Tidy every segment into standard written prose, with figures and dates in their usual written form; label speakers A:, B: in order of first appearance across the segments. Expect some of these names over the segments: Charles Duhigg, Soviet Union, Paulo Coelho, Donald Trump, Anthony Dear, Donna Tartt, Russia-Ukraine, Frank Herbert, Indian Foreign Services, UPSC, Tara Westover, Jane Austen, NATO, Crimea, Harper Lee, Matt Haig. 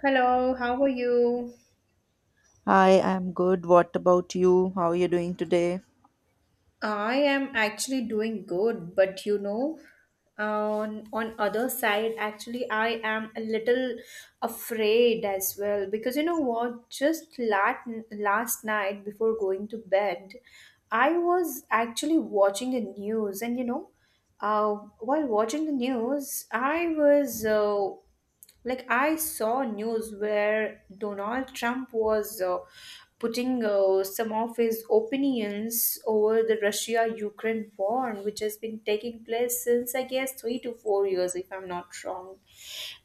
A: Hello, how are you?
B: Hi, I'm good. What about you? How are you doing today?
A: I am actually doing good, but you know, on other side, actually, I am a little afraid as well because you know what? Just last night before going to bed, I was actually watching the news, and uh, while watching the news, I was Like I saw news where Donald Trump was putting some of his opinions over the Russia-Ukraine war, which has been taking place since I guess 3 to 4 years, if I'm not wrong.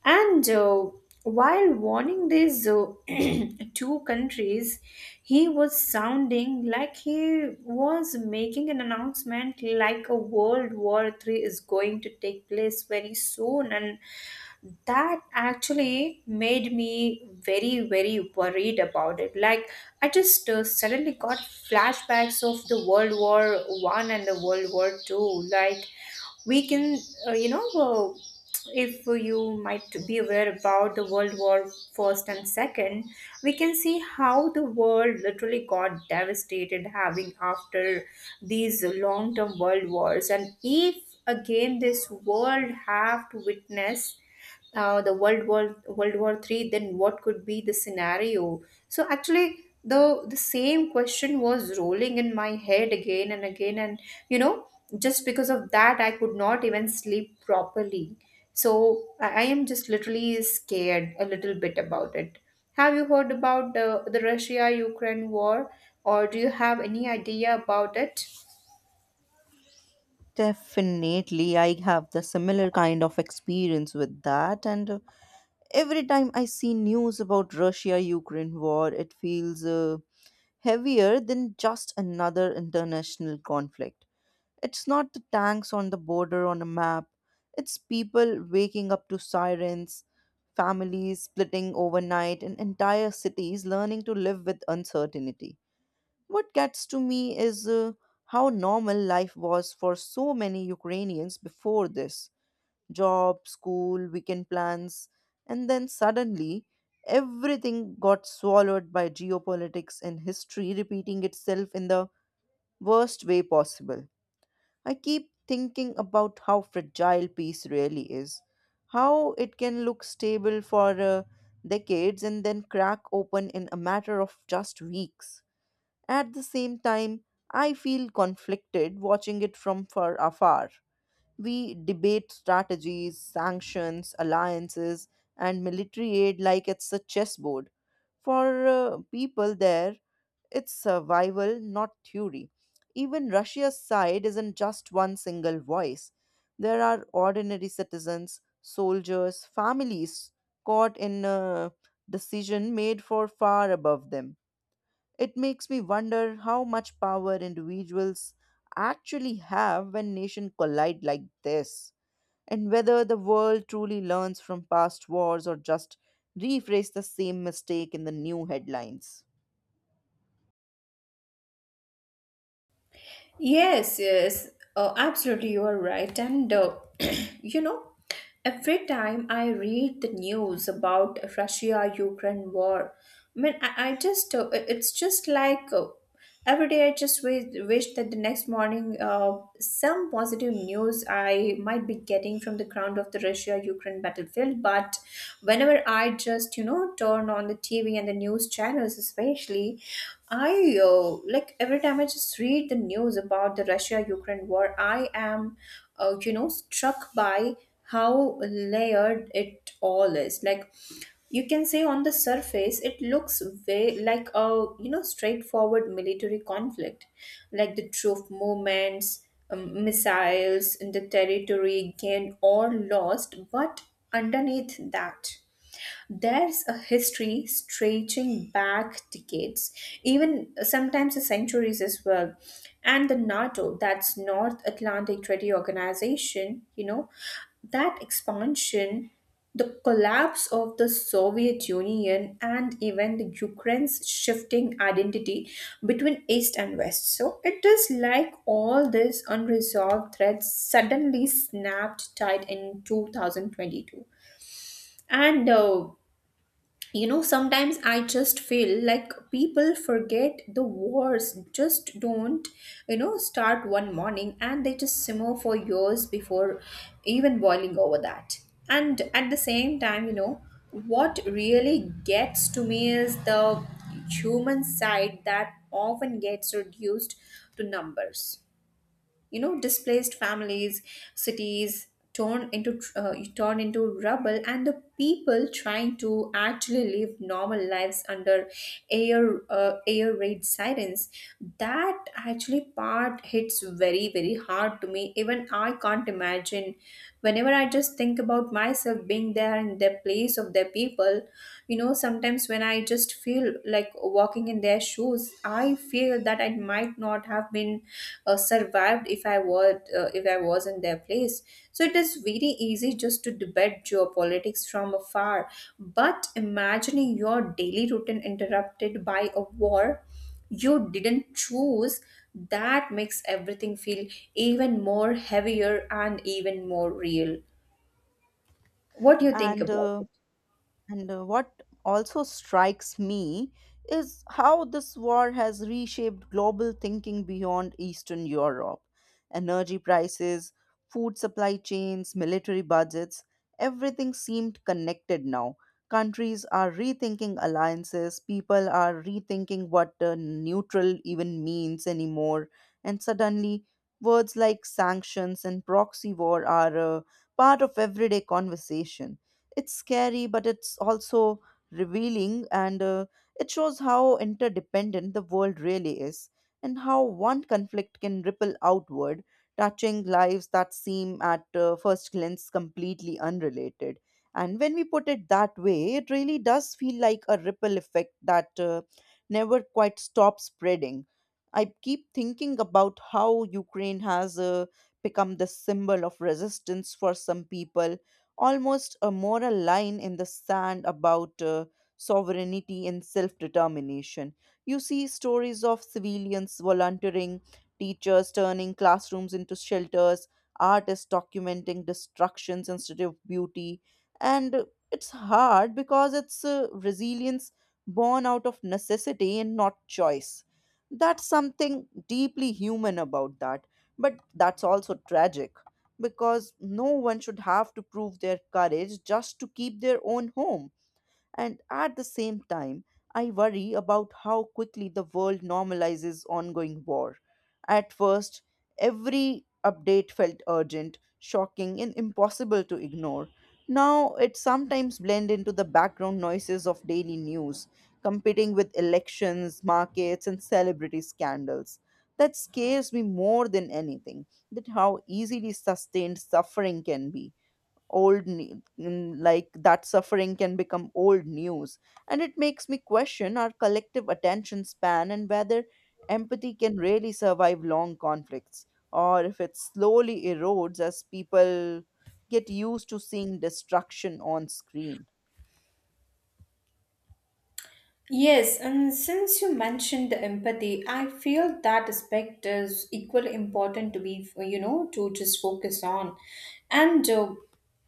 A: And While warning these two countries, he was sounding like he was making an announcement like a World War Three is going to take place very soon, and that actually made me very worried about it. Like I just suddenly got flashbacks of the world war one and the world war two. Like we can you know if you might be aware about the World War First and Second, we can see how the world literally got devastated having after these long-term world wars. And if again this world have to witness the World War Three, then what could be the scenario? So actually, the same question was rolling in my head again and again, and you know, just because of that, I could not even sleep properly. So I am just literally scared a little bit about it. Have you heard about the Russia Ukraine war, or do you have any idea about it?
B: Definitely, I have the similar kind of experience with that. And Every time I see news about Russia-Ukraine war, it feels heavier than just another international conflict. It's not the tanks on the border on a map. It's people waking up to sirens, families splitting overnight, and entire cities learning to live with uncertainty. What gets to me is how normal life was for so many Ukrainians before this job, school, weekend plans, and then suddenly everything got swallowed by geopolitics and history repeating itself in the worst way possible. I keep thinking about how fragile peace really is, how it can look stable for decades and then crack open in a matter of just weeks. At the same time, I feel conflicted watching it from far afar. We debate strategies, sanctions, alliances, and military aid like it's a chessboard. For people there, it's survival, not theory. Even Russia's side isn't just one single voice. There are ordinary citizens, soldiers, families caught in a decision made for far above them. It makes me wonder how much power individuals actually have when nations collide like this, and whether the world truly learns from past wars or just rephrase the same mistake in the new headlines.
A: Yes, yes, absolutely, you are right. And you know, every time I read the news about Russia-Ukraine war, I mean, I just it's just like every day I just wish that the next morning some positive news I might be getting from the ground of the Russia-Ukraine battlefield. But whenever I just you know turn on the TV and the news channels, it's especially I uh, like every time I just read the news about the Russia Ukraine war, I am you know struck by how layered it all is. Like you can say on the surface it looks way like a you know straightforward military conflict, like the troop movements, missiles in the territory gained or lost. But underneath that, there's a history stretching back decades, even sometimes centuries as well. And the NATO, that's North Atlantic Treaty Organization, you know, that expansion, the collapse of the Soviet Union, and even the Ukraine's shifting identity between East and West. So it is like all these unresolved threads suddenly snapped tight in 2022. And You know, sometimes I just feel like people forget the wars just don't you know start one morning, and they just simmer for years before even boiling over that. And at the same time, you know what really gets to me is the human side that often gets reduced to numbers, you know, displaced families, cities torn into turned into rubble, and the people trying to actually live normal lives under air raid sirens. That actually part hits very hard to me. Even I can't imagine whenever I just think about myself being there in the place of their people. You know, sometimes when I just feel like walking in their shoes, I feel that I might not have been survived if I was in their place. So it is very easy just to debate geopolitics from afar, but imagining your daily routine interrupted by a war you didn't choose, that makes everything feel even more heavier and even more real. What do you think
B: And
A: about
B: uh,
A: it?
B: And what also strikes me is how this war has reshaped global thinking beyond Eastern Europe. Energy prices, food supply chains, military budgets, everything seemed connected now. Countries are rethinking alliances, people are rethinking what neutral even means anymore, and suddenly words like sanctions and proxy war are part of everyday conversation. It's scary, but it's also revealing, and it shows how interdependent the world really is, and how one conflict can ripple outward, touching lives that seem at first glance completely unrelated. And when we put it that way, it really does feel like a ripple effect that never quite stops spreading. I keep thinking about how Ukraine has become the symbol of resistance for some people, almost a moral line in the sand about sovereignty and self determination. You see stories of civilians volunteering, teachers turning classrooms into shelters, artists documenting destructions instead of beauty. And it's hard because it's resilience born out of necessity and not choice. That's something deeply human about that, but that's also tragic because no one should have to prove their courage just to keep their own home. And at the same time, I worry about how quickly the world normalizes ongoing war. At first, every update felt urgent, shocking, and impossible to ignore. Now it sometimes blends into the background noises of daily news, competing with elections, markets, and celebrity scandals. That scares me more than anything, that how easily sustained suffering can be like that suffering can become old news, and it makes me question our collective attention span and whether empathy can really survive long conflicts, or if it slowly erodes as people get used to seeing destruction on screen.
A: Yes, and since you mentioned the empathy, I feel that aspect is equally important to be, you know, to just focus on. And,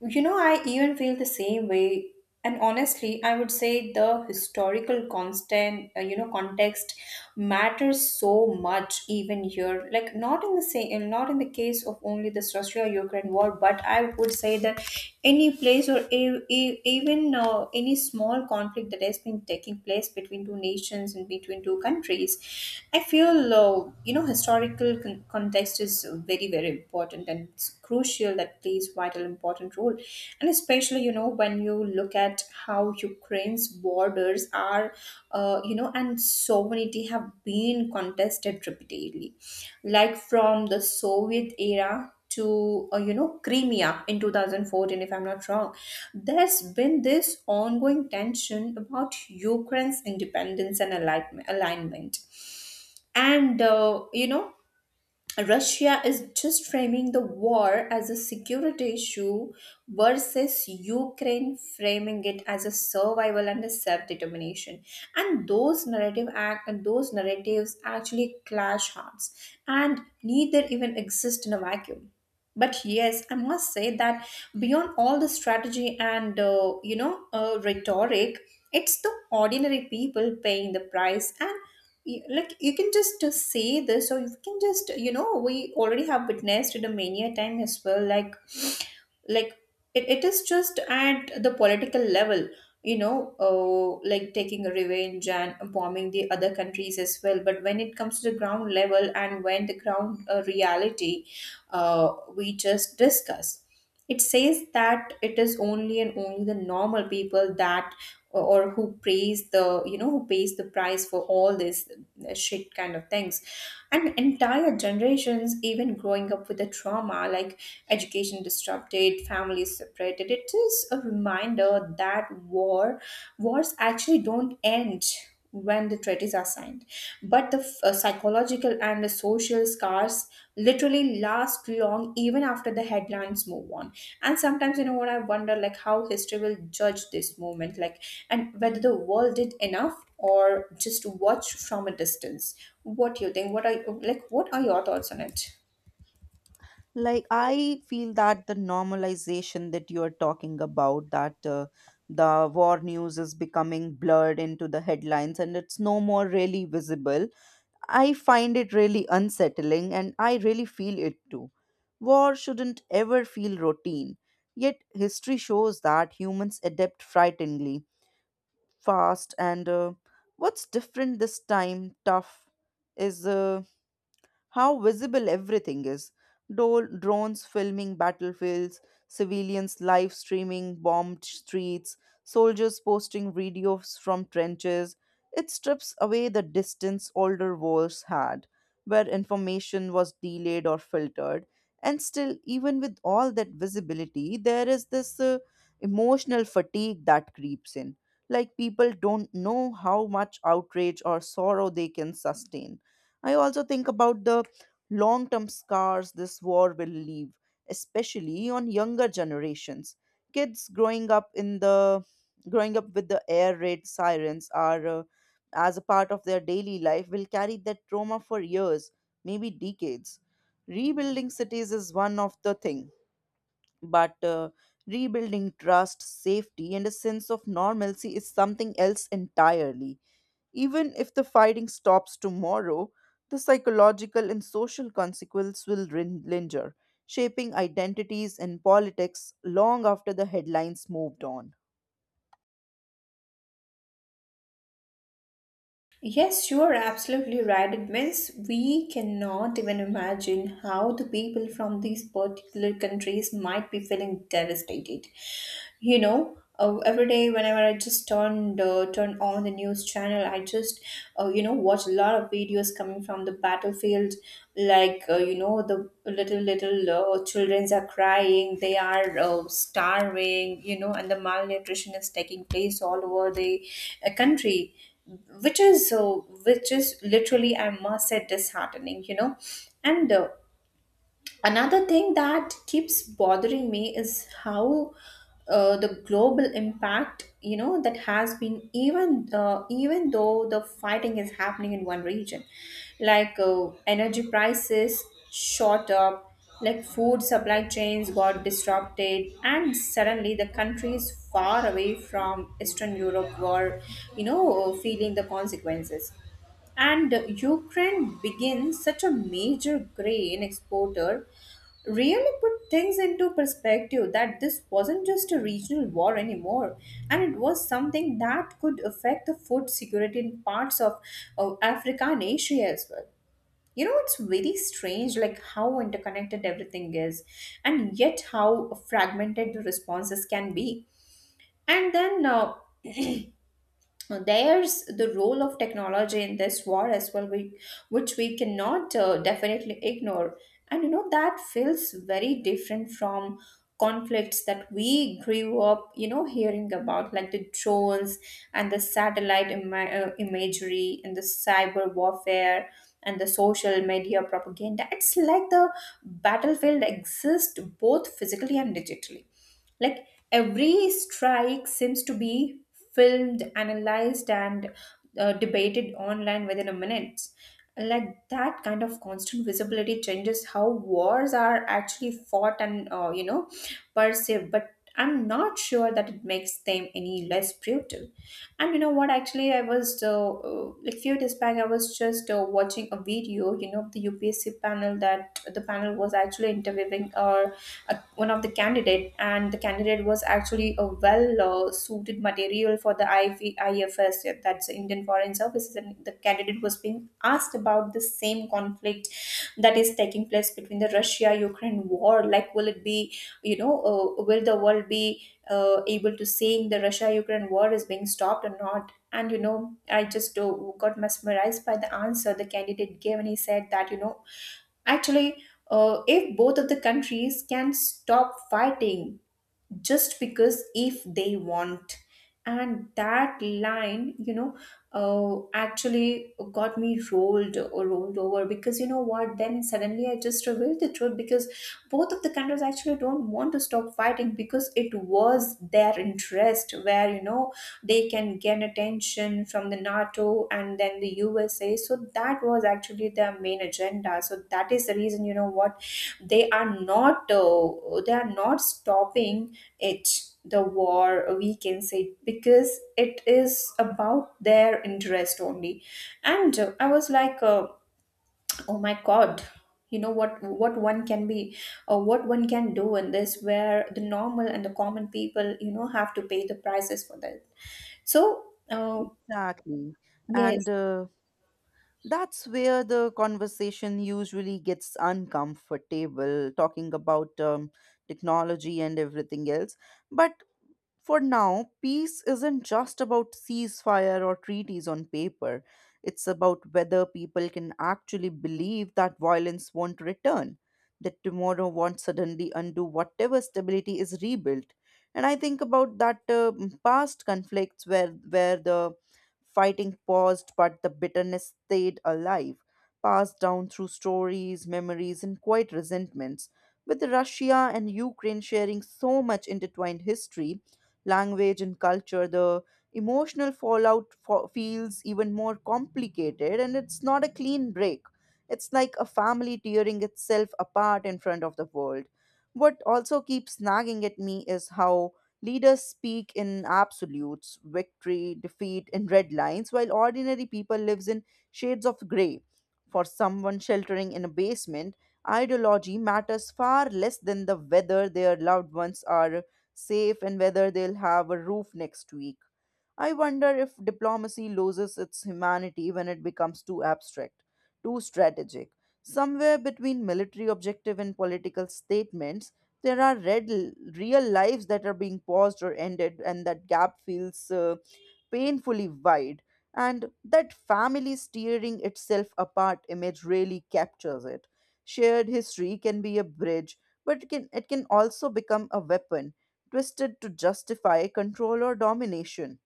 A: you know, I even feel the same way. And honestly, I would say the historical you know, context matters so much even here. Like not in the same, not in the case of only the Russia-Ukraine war, but I would say that any place or even any small conflict that has been taking place between two nations and between two countries. I feel you know historical context is very important, and it's crucial, that plays vital important role. And especially, you know, when you look at how Ukraine's borders are you know and sovereignty have been contested repeatedly, like from the Soviet era to you know Crimea in 2014, if I'm not wrong, there's been this ongoing tension about Ukraine's independence and alignment. And you know, Russia is just framing the war as a security issue versus Ukraine framing it as a survival and a self-determination. And those narratives actually clash hearts, and neither even exist in a vacuum. But yes, I must say that beyond all the strategy and rhetoric, it's the ordinary people paying the price, and like you can just say this, or you can just you know we already have witnessed it a many a time as well. Like it is just at the political level, you know, like taking a revenge and bombing the other countries as well. But when it comes to the ground level and when the ground reality we just discuss, it says that it is only and only the normal people that or who pays the you know who pays the price for all this shit kind of things. And entire generations even growing up with the trauma, like education disrupted, families separated. It is a reminder that wars actually don't end when the treaties are signed, but the psychological and the social scars literally last long even after the headlines move on. And sometimes you know what I wonder, like how history will judge this movement, like, and whether the world did enough or just watch from a distance. What do you think? What are, like, what are your thoughts on it?
B: Like, I feel that the normalization that you are talking about, that the war news is becoming blurred into the headlines and it's no more really visible, I find it really unsettling and I really feel it too. War shouldn't ever feel routine, yet history shows that humans adapt frighteningly fast. And uh, what's different this time tough is how visible everything is. Drones filming battlefields, civilians live streaming bombed streets, soldiers posting videos from trenches. It strips away the distance older wars had, where information was delayed or filtered. And still, even with all that visibility, there is this emotional fatigue that creeps in. Like, people don't know how much outrage or sorrow they can sustain. I also think about the long term scars this war will leave, especially on younger generations. Kids growing up in the Growing up with the air raid sirens are as a part of their daily life will carry that trauma for years, maybe decades. Rebuilding cities is one of the thing, but rebuilding trust, safety and a sense of normalcy is something else entirely. Even if the fighting stops tomorrow, the psychological and social consequences will linger, shaping identities and politics long after the headlines moved on.
A: Yes, you are absolutely right. It means we cannot even imagine how the people from these particular countries might be feeling devastated. You know, every day whenever I just turn on the news channel, I just you know watch a lot of videos coming from the battlefield. Like you know, the little little childrens are crying. They are starving. You know, and the malnutrition is taking place all over the country, which is uh, which is literally I must say disheartening, you know. And Another thing that keeps bothering me is how the global impact, you know, that has been even though the fighting is happening in one region, like energy prices shot up, like food supply chains got disrupted, and suddenly the countries far away from Eastern Europe were, you know, feeling the consequences. And Ukraine being such a major grain exporter really put things into perspective that this wasn't just a regional war anymore, and it was something that could affect the food security in parts of Africa and Asia as well. You know, it's very strange like how interconnected everything is and yet how fragmented the responses can be. And then there's the role of technology in this war as well, which we cannot definitely ignore. And you know that feels very different from conflicts that we grew up you know hearing about, like the drones and the imagery and the cyber warfare and the social media propaganda. It's like the battlefield exists both physically and digitally, like every strike seems to be filmed, analyzed, and debated online within a minute. Like that kind of constant visibility changes how wars are actually fought and you know perceived, but I'm not sure that it makes them any less brutal. And you know what actually I was like few days back I was just watching a video, you know, of the UPSC panel, that the panel was actually interviewing one of the candidate, and the candidate was actually a well suited material for the IV, IFS, yeah, that's the Indian Foreign Services. And the candidate was being asked about the same conflict that is taking place between the Russia Ukraine war, like will it be you know will the world be able to seeing the Russia Ukraine war is being stopped or not. And you know I just got mesmerized by the answer the candidate gave, and he said that, you know, actually, if both of the countries can stop fighting, just because if they want. And that line, you know, actually got me rolled or rolled over, because you know what, then suddenly I just revealed the truth because both of the countries actually don't want to stop fighting because it was their interest where they can gain attention from the NATO and then the USA, so that was actually their main agenda. So that is the reason, you know what, they are not stopping it, the war, we can say, because it is about their interest only. And I was like, oh my God, you know what one can be or what one can do in this, where the normal and the common people have to pay the prices for that. So uh,
B: Exactly. And
A: yes.
B: that's where the conversation usually gets uncomfortable, talking about technology and everything else. But for now, peace isn't just about ceasefire or treaties on paper. It's about whether people can actually believe that violence won't return, that tomorrow won't suddenly undo whatever stability is rebuilt. And I think about that past conflicts where the fighting paused but the bitterness stayed alive, passed down through stories, memories, and quiet resentments. With Russia and Ukraine sharing so much intertwined history, language and culture, the emotional fallout feels even more complicated, and it's not a clean break. It's like a family tearing itself apart in front of the world. What also keeps nagging at me is how leaders speak in absolutes, victory, defeat, and red lines, while ordinary people lives in shades of grey. For someone sheltering in a basement, ideology matters far less than the whether their loved ones are safe and whether they'll have a roof next week. I wonder if diplomacy loses its humanity when it becomes too abstract, too strategic. Somewhere between military objective and political statements, there are real lives that are being paused or ended, and that gap feels painfully wide, and that family tearing itself apart image really captures it. Shared history can be a bridge, but it can also become a weapon, twisted to justify control or domination.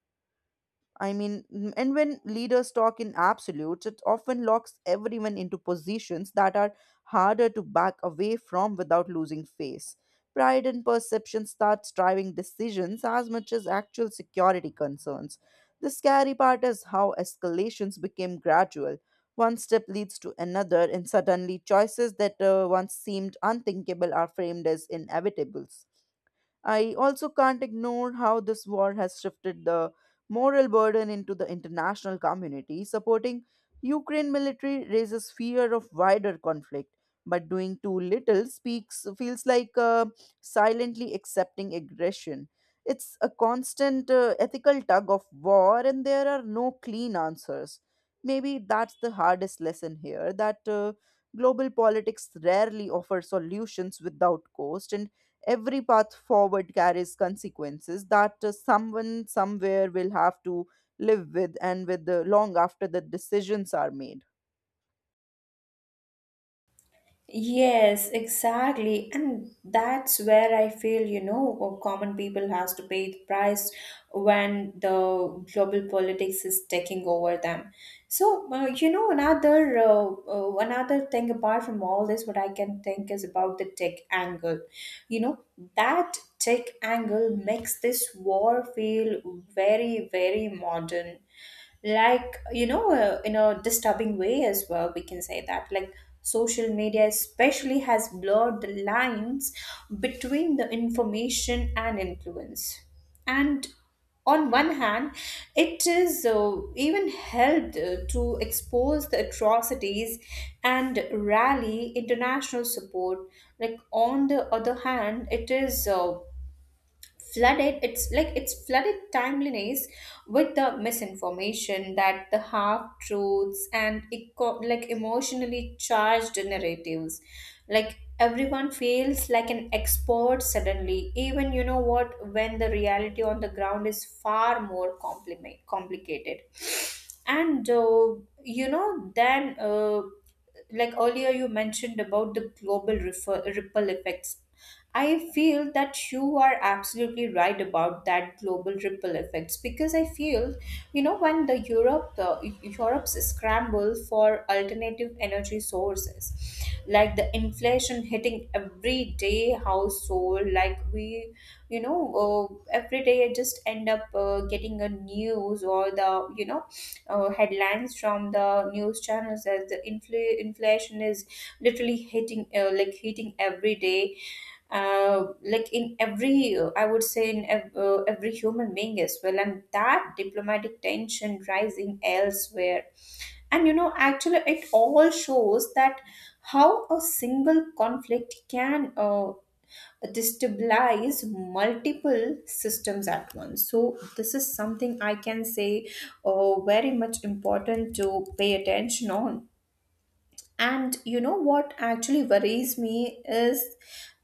B: And when leaders talk in absolutes, it often locks everyone into positions that are harder to back away from without losing face. Pride and perception starts driving decisions as much as actual security concerns. The scary part is how escalations became gradual. One step leads to another, and suddenly choices that once seemed unthinkable are framed as inevitables. I also can't ignore how this war has shifted the moral burden into the international community. Supporting Ukraine military raises fear of wider conflict, but doing too little speaks feels like silently accepting aggression. It's a constant ethical tug of war, and there are no clean answers. Maybe that's the hardest lesson here, that global politics rarely offers solutions without cost, and every path forward carries consequences that someone somewhere will have to live with and with the long after the decisions are made.
A: Yes, exactly. And that's where I feel, common people has to pay the price when the global politics is taking over them. So, another thing apart from all this, what I can think is about the tech angle. You know, that tech angle makes this war feel very, very modern, like, in a disturbing way as well, we can say. That, like, social media especially has blurred the lines between the information and influence. And on one hand, it is even helped to expose the atrocities and rally international support. Like, on the other hand, it is flooded, it's like, it's flooded timeliness with the misinformation, that the half truths and like emotionally charged narratives. Like, everyone feels like an expert suddenly, even you know what when the reality on the ground is far more compliment complicated. And then, like earlier you mentioned about the global ripple effects. I feel that you are absolutely right about that global ripple effects, because I feel, when the Europe's scramble for alternative energy sources, like the inflation hitting everyday household, like, we you know every day I just end up getting a news or the headlines from the news channels, as the inflation is literally hitting, like hitting every day, like in every I would say in every human being as well, and that diplomatic tension rising elsewhere. And actually it all shows that how a single conflict can destabilize multiple systems at once, so this is something I can say very much important to pay attention on. And what actually worries me is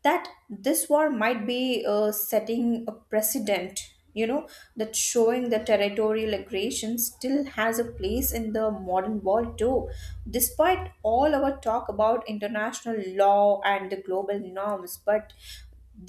A: that this war might be setting a precedent, that showing the territorial aggression still has a place in the modern world too, despite all our talk about international law and the global norms, but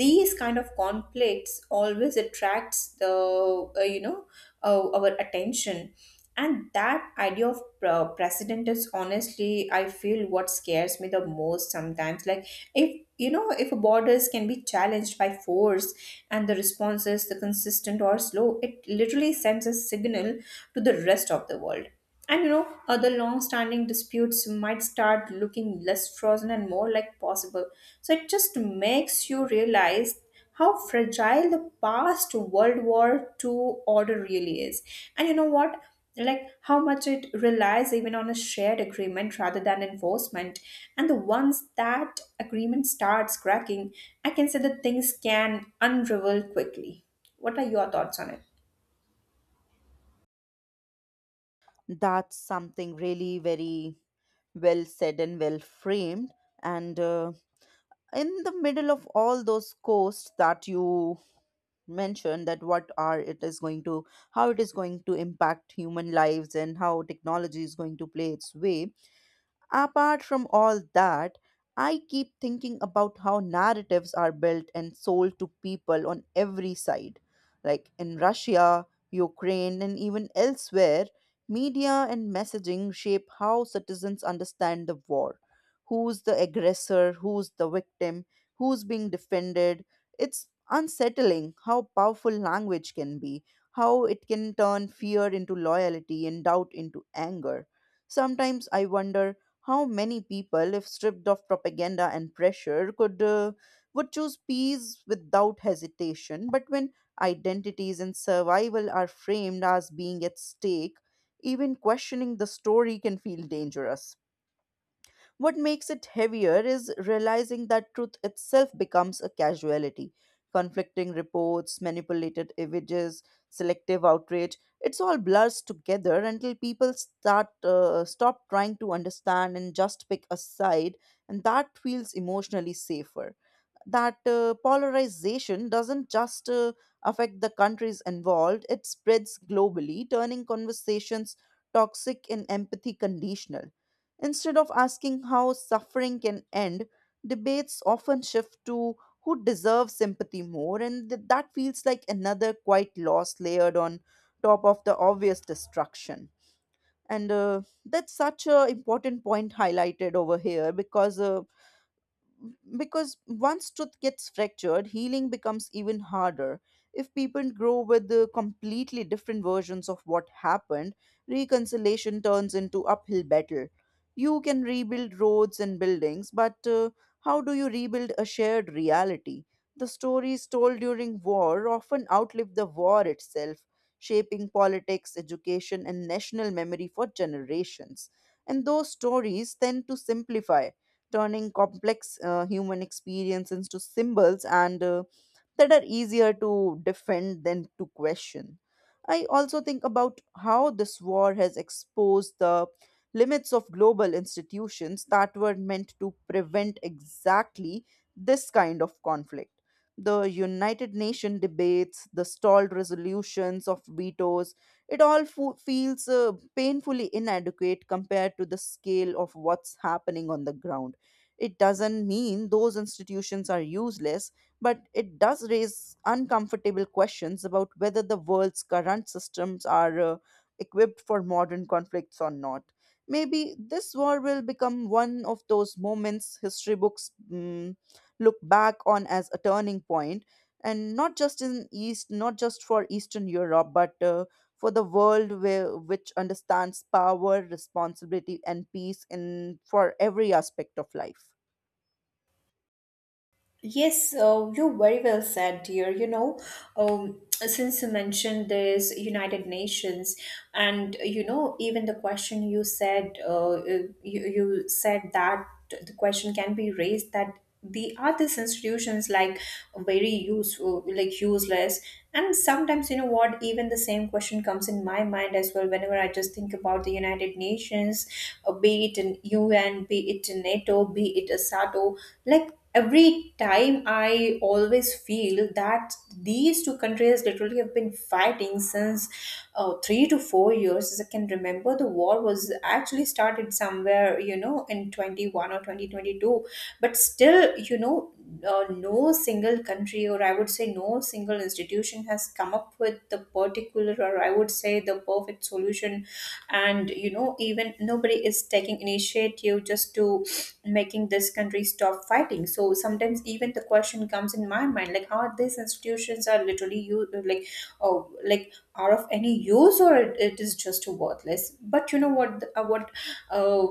A: these kind of conflicts always attracts the our attention. And that idea of precedent is, honestly, I feel, what scares me the most sometimes, like, if you know if borders can be challenged by force and the response is the consistent or slow, it literally sends a signal to the rest of the world. And, other long standing disputes might start looking less frozen and more like possible. So it just makes you realize how fragile the past World War II order really is. And you know what? Like, how much it relies even on a shared agreement rather than enforcement. And the once that agreement starts cracking, I can say that things can unravel quickly. What are your thoughts on it?
B: That's something really very well said and well framed, and in the middle of all those costs that you mentioned, that what are it is going to, how it is going to impact human lives and how technology is going to play its way. Apart from all that, I keep thinking about how narratives are built and sold to people on every side. Like in Russia, Ukraine, and even elsewhere, media and messaging shape how citizens understand the war. Who's the aggressor? Who's the victim? Who's being defended? It's unsettling how powerful language can be, how it can turn fear into loyalty and doubt into anger. Sometimes I wonder how many people, if stripped of propaganda and pressure, could would choose peace without hesitation? But when identities and survival are framed as being at stake, even questioning the story can feel dangerous. What makes it heavier is realizing that truth itself becomes a casualty. Conflicting reports, manipulated images, selective outrage, it's all blurs together until people start stop trying to understand and just pick a side, and that feels emotionally safer. That polarization doesn't just affect the countries involved, it spreads globally, turning conversations toxic and empathy conditional. Instead of asking how suffering can end, debates often shift to who deserves sympathy more, and that feels like another quite loss layered on top of the obvious destruction. And that's such an important point highlighted over here, because because once truth gets fractured, healing becomes even harder. If people grow with the completely different versions of what happened, reconciliation turns into uphill battle. You can rebuild roads and buildings, but how do you rebuild a shared reality? The stories told during war often outlive the war itself, shaping politics, education, and national memory for generations. And those stories tend to simplify, turning complex human experience into symbols and that are easier to defend than to question. I also think about how this war has exposed the limits of global institutions that were meant to prevent exactly this kind of conflict. The United Nations debates, the stalled resolutions of vetoes, it all feels painfully inadequate compared to the scale of what's happening on the ground. It doesn't mean those institutions are useless, but it does raise uncomfortable questions about whether the world's current systems are equipped for modern conflicts or not. Maybe this war will become one of those moments history books look back on as a turning point, and not just in East, not just for Eastern Europe, but for the world where, which understands power, responsibility, and peace in for every aspect of life.
A: Yes, you very well said, dear. Since you mentioned this United Nations, and even the question you said, you said that the question can be raised that, the are these institutions like very useful, like useless. And sometimes, you know what, even the same question comes in my mind as well whenever I just think about the United Nations, be it in UN, be it in NATO, be it a SATO, like every time I always feel that these two countries literally have been fighting since 3 to 4 years, as I can remember the war was actually started somewhere, in 21 or 2022. But still, no single country, or I would say no single institution, has come up with the particular, or I would say the perfect solution. And even nobody is taking initiative just to making this country stop fighting. So sometimes even the question comes in my mind, like, how these institutions are literally, you like oh like, are of any use, or it is just worthless. But you know what, uh,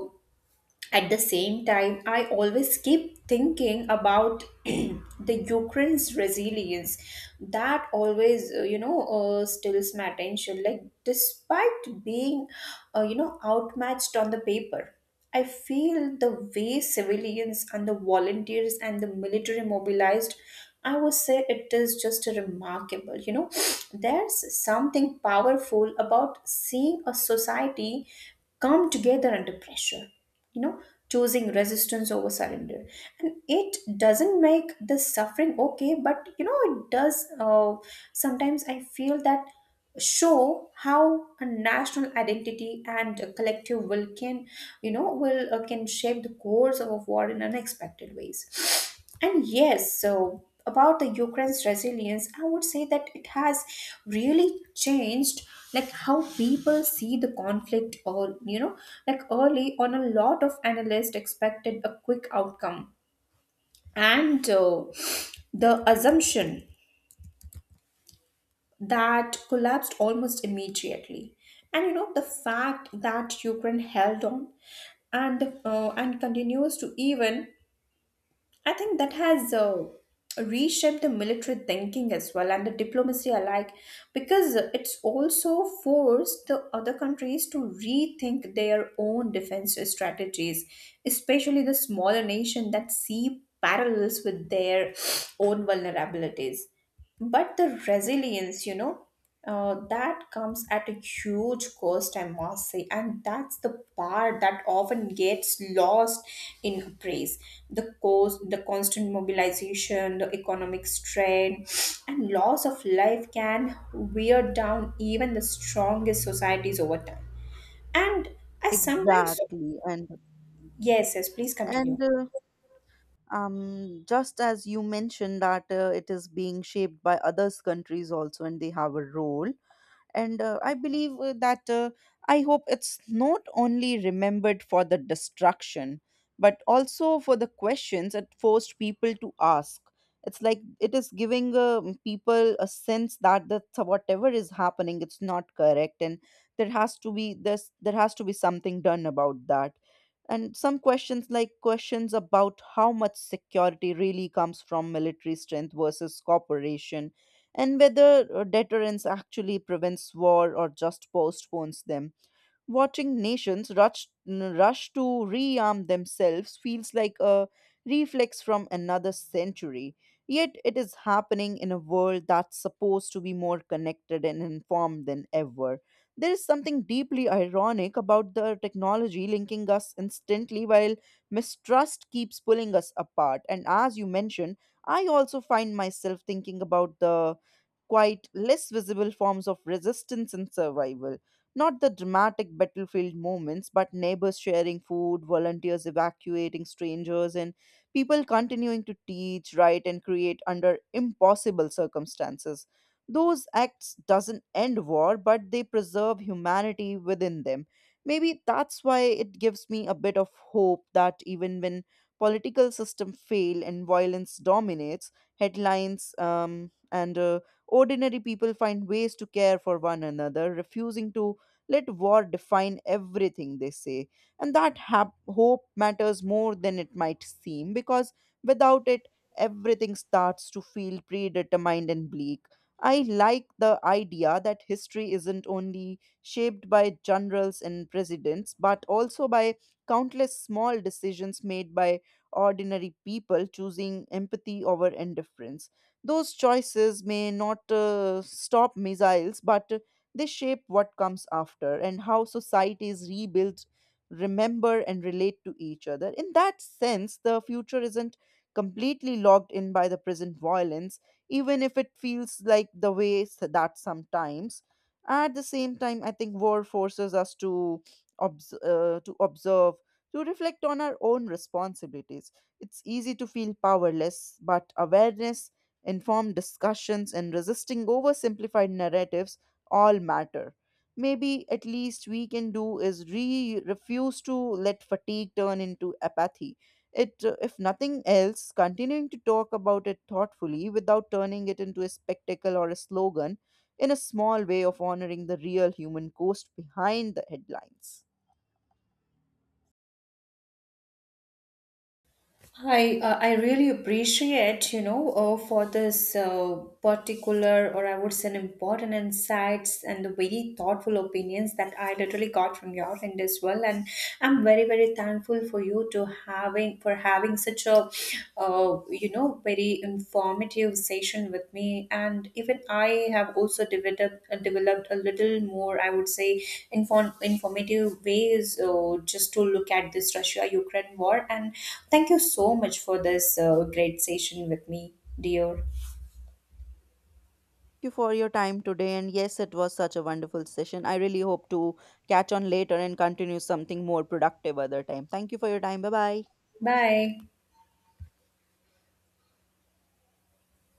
A: at the same time, I always keep thinking about the Ukraine's resilience. That always steals my attention. Like, despite being outmatched on the paper, I feel the way civilians and the volunteers and the military mobilized, I would say, it is just a remarkable, there's something powerful about seeing a society come together under pressure, you know choosing resistance over surrender. And it doesn't make the suffering okay, but it does, sometimes I feel that, show how a national identity and a collective will can you know will can shape the course of a war in unexpected ways. And yes, so about the Ukraine's resilience, I would say that it has really changed, like, how people see the conflict, or like, early on, a lot of analysts expected a quick outcome. And the assumption that collapsed almost immediately. And, the fact that Ukraine held on and continues to, even I think, that has reshaped the military thinking as well, and the diplomacy alike, because it's also forced the other countries to rethink their own defense strategies, especially the smaller nation that see parallels with their own vulnerabilities. But the resilience, that comes at a huge cost, I must say, and that's the part that often gets lost in her praise. The cost, the constant mobilization, the economic strain, and loss of life can wear down even the strongest societies over time. And I sometimes.
B: Exactly, and
A: Yes, yes, please continue.
B: and uh, um, just as you mentioned that it is being shaped by others countries also, and they have a role. And I believe that I hope it's not only remembered for the destruction, but also for the questions it forced people to ask. It's like it is giving people a sense that the whatever is happening it's not correct, and there has to be something done about that. And some questions like questions about how much security really comes from military strength versus cooperation, and whether deterrence actually prevents war or just postpones them. Watching nations rush, rush to rearm themselves feels like a reflex from another century. Yet it is happening in a world that's supposed to be more connected and informed than ever. There is something deeply ironic about the technology linking us instantly while mistrust keeps pulling us apart. And as you mentioned, I also find myself thinking about the quite less visible forms of resistance and survival. Not the dramatic battlefield moments, but neighbors sharing food, volunteers evacuating strangers, and people continuing to teach, write, and create under impossible circumstances. Those acts doesn't end war, but they preserve humanity within them. Maybe that's why it gives me a bit of hope that even when political system fail and violence dominates, headlines and ordinary people find ways to care for one another, refusing to let war define everything, they say. And that hope matters more than it might seem, because without it, everything starts to feel predetermined and bleak. I like the idea that history isn't only shaped by generals and presidents, but also by countless small decisions made by ordinary people choosing empathy over indifference. Those choices may not stop missiles, but they shape what comes after and how societies rebuild, remember, and relate to each other. In that sense, the future isn't completely locked in by the present violence, even if it feels like the way that sometimes. At the same time, I think war forces us to to observe, to reflect on our own responsibilities. It's easy to feel powerless, but awareness, informed discussions, and resisting oversimplified narratives all matter. Maybe at least we can do is refuse to let fatigue turn into apathy. If nothing else, continuing to talk about it thoughtfully without turning it into a spectacle or a slogan in a small way of honoring the real human cost behind the headlines.
A: I really appreciate, for this particular, or I would say, an important insights and the very thoughtful opinions that I literally got from your end as well. And I'm very, very thankful for you, to having for having such a very informative session with me. And even I have also developed a little more, I would say, informative ways, just to look at this Russia Ukraine war. And thank you so much for this great session with me, dear.
B: Thank you for your time today. And yes, it was such a wonderful session. I really hope to catch on later and continue something more productive other time. Thank you for your time. Bye bye.
A: Bye.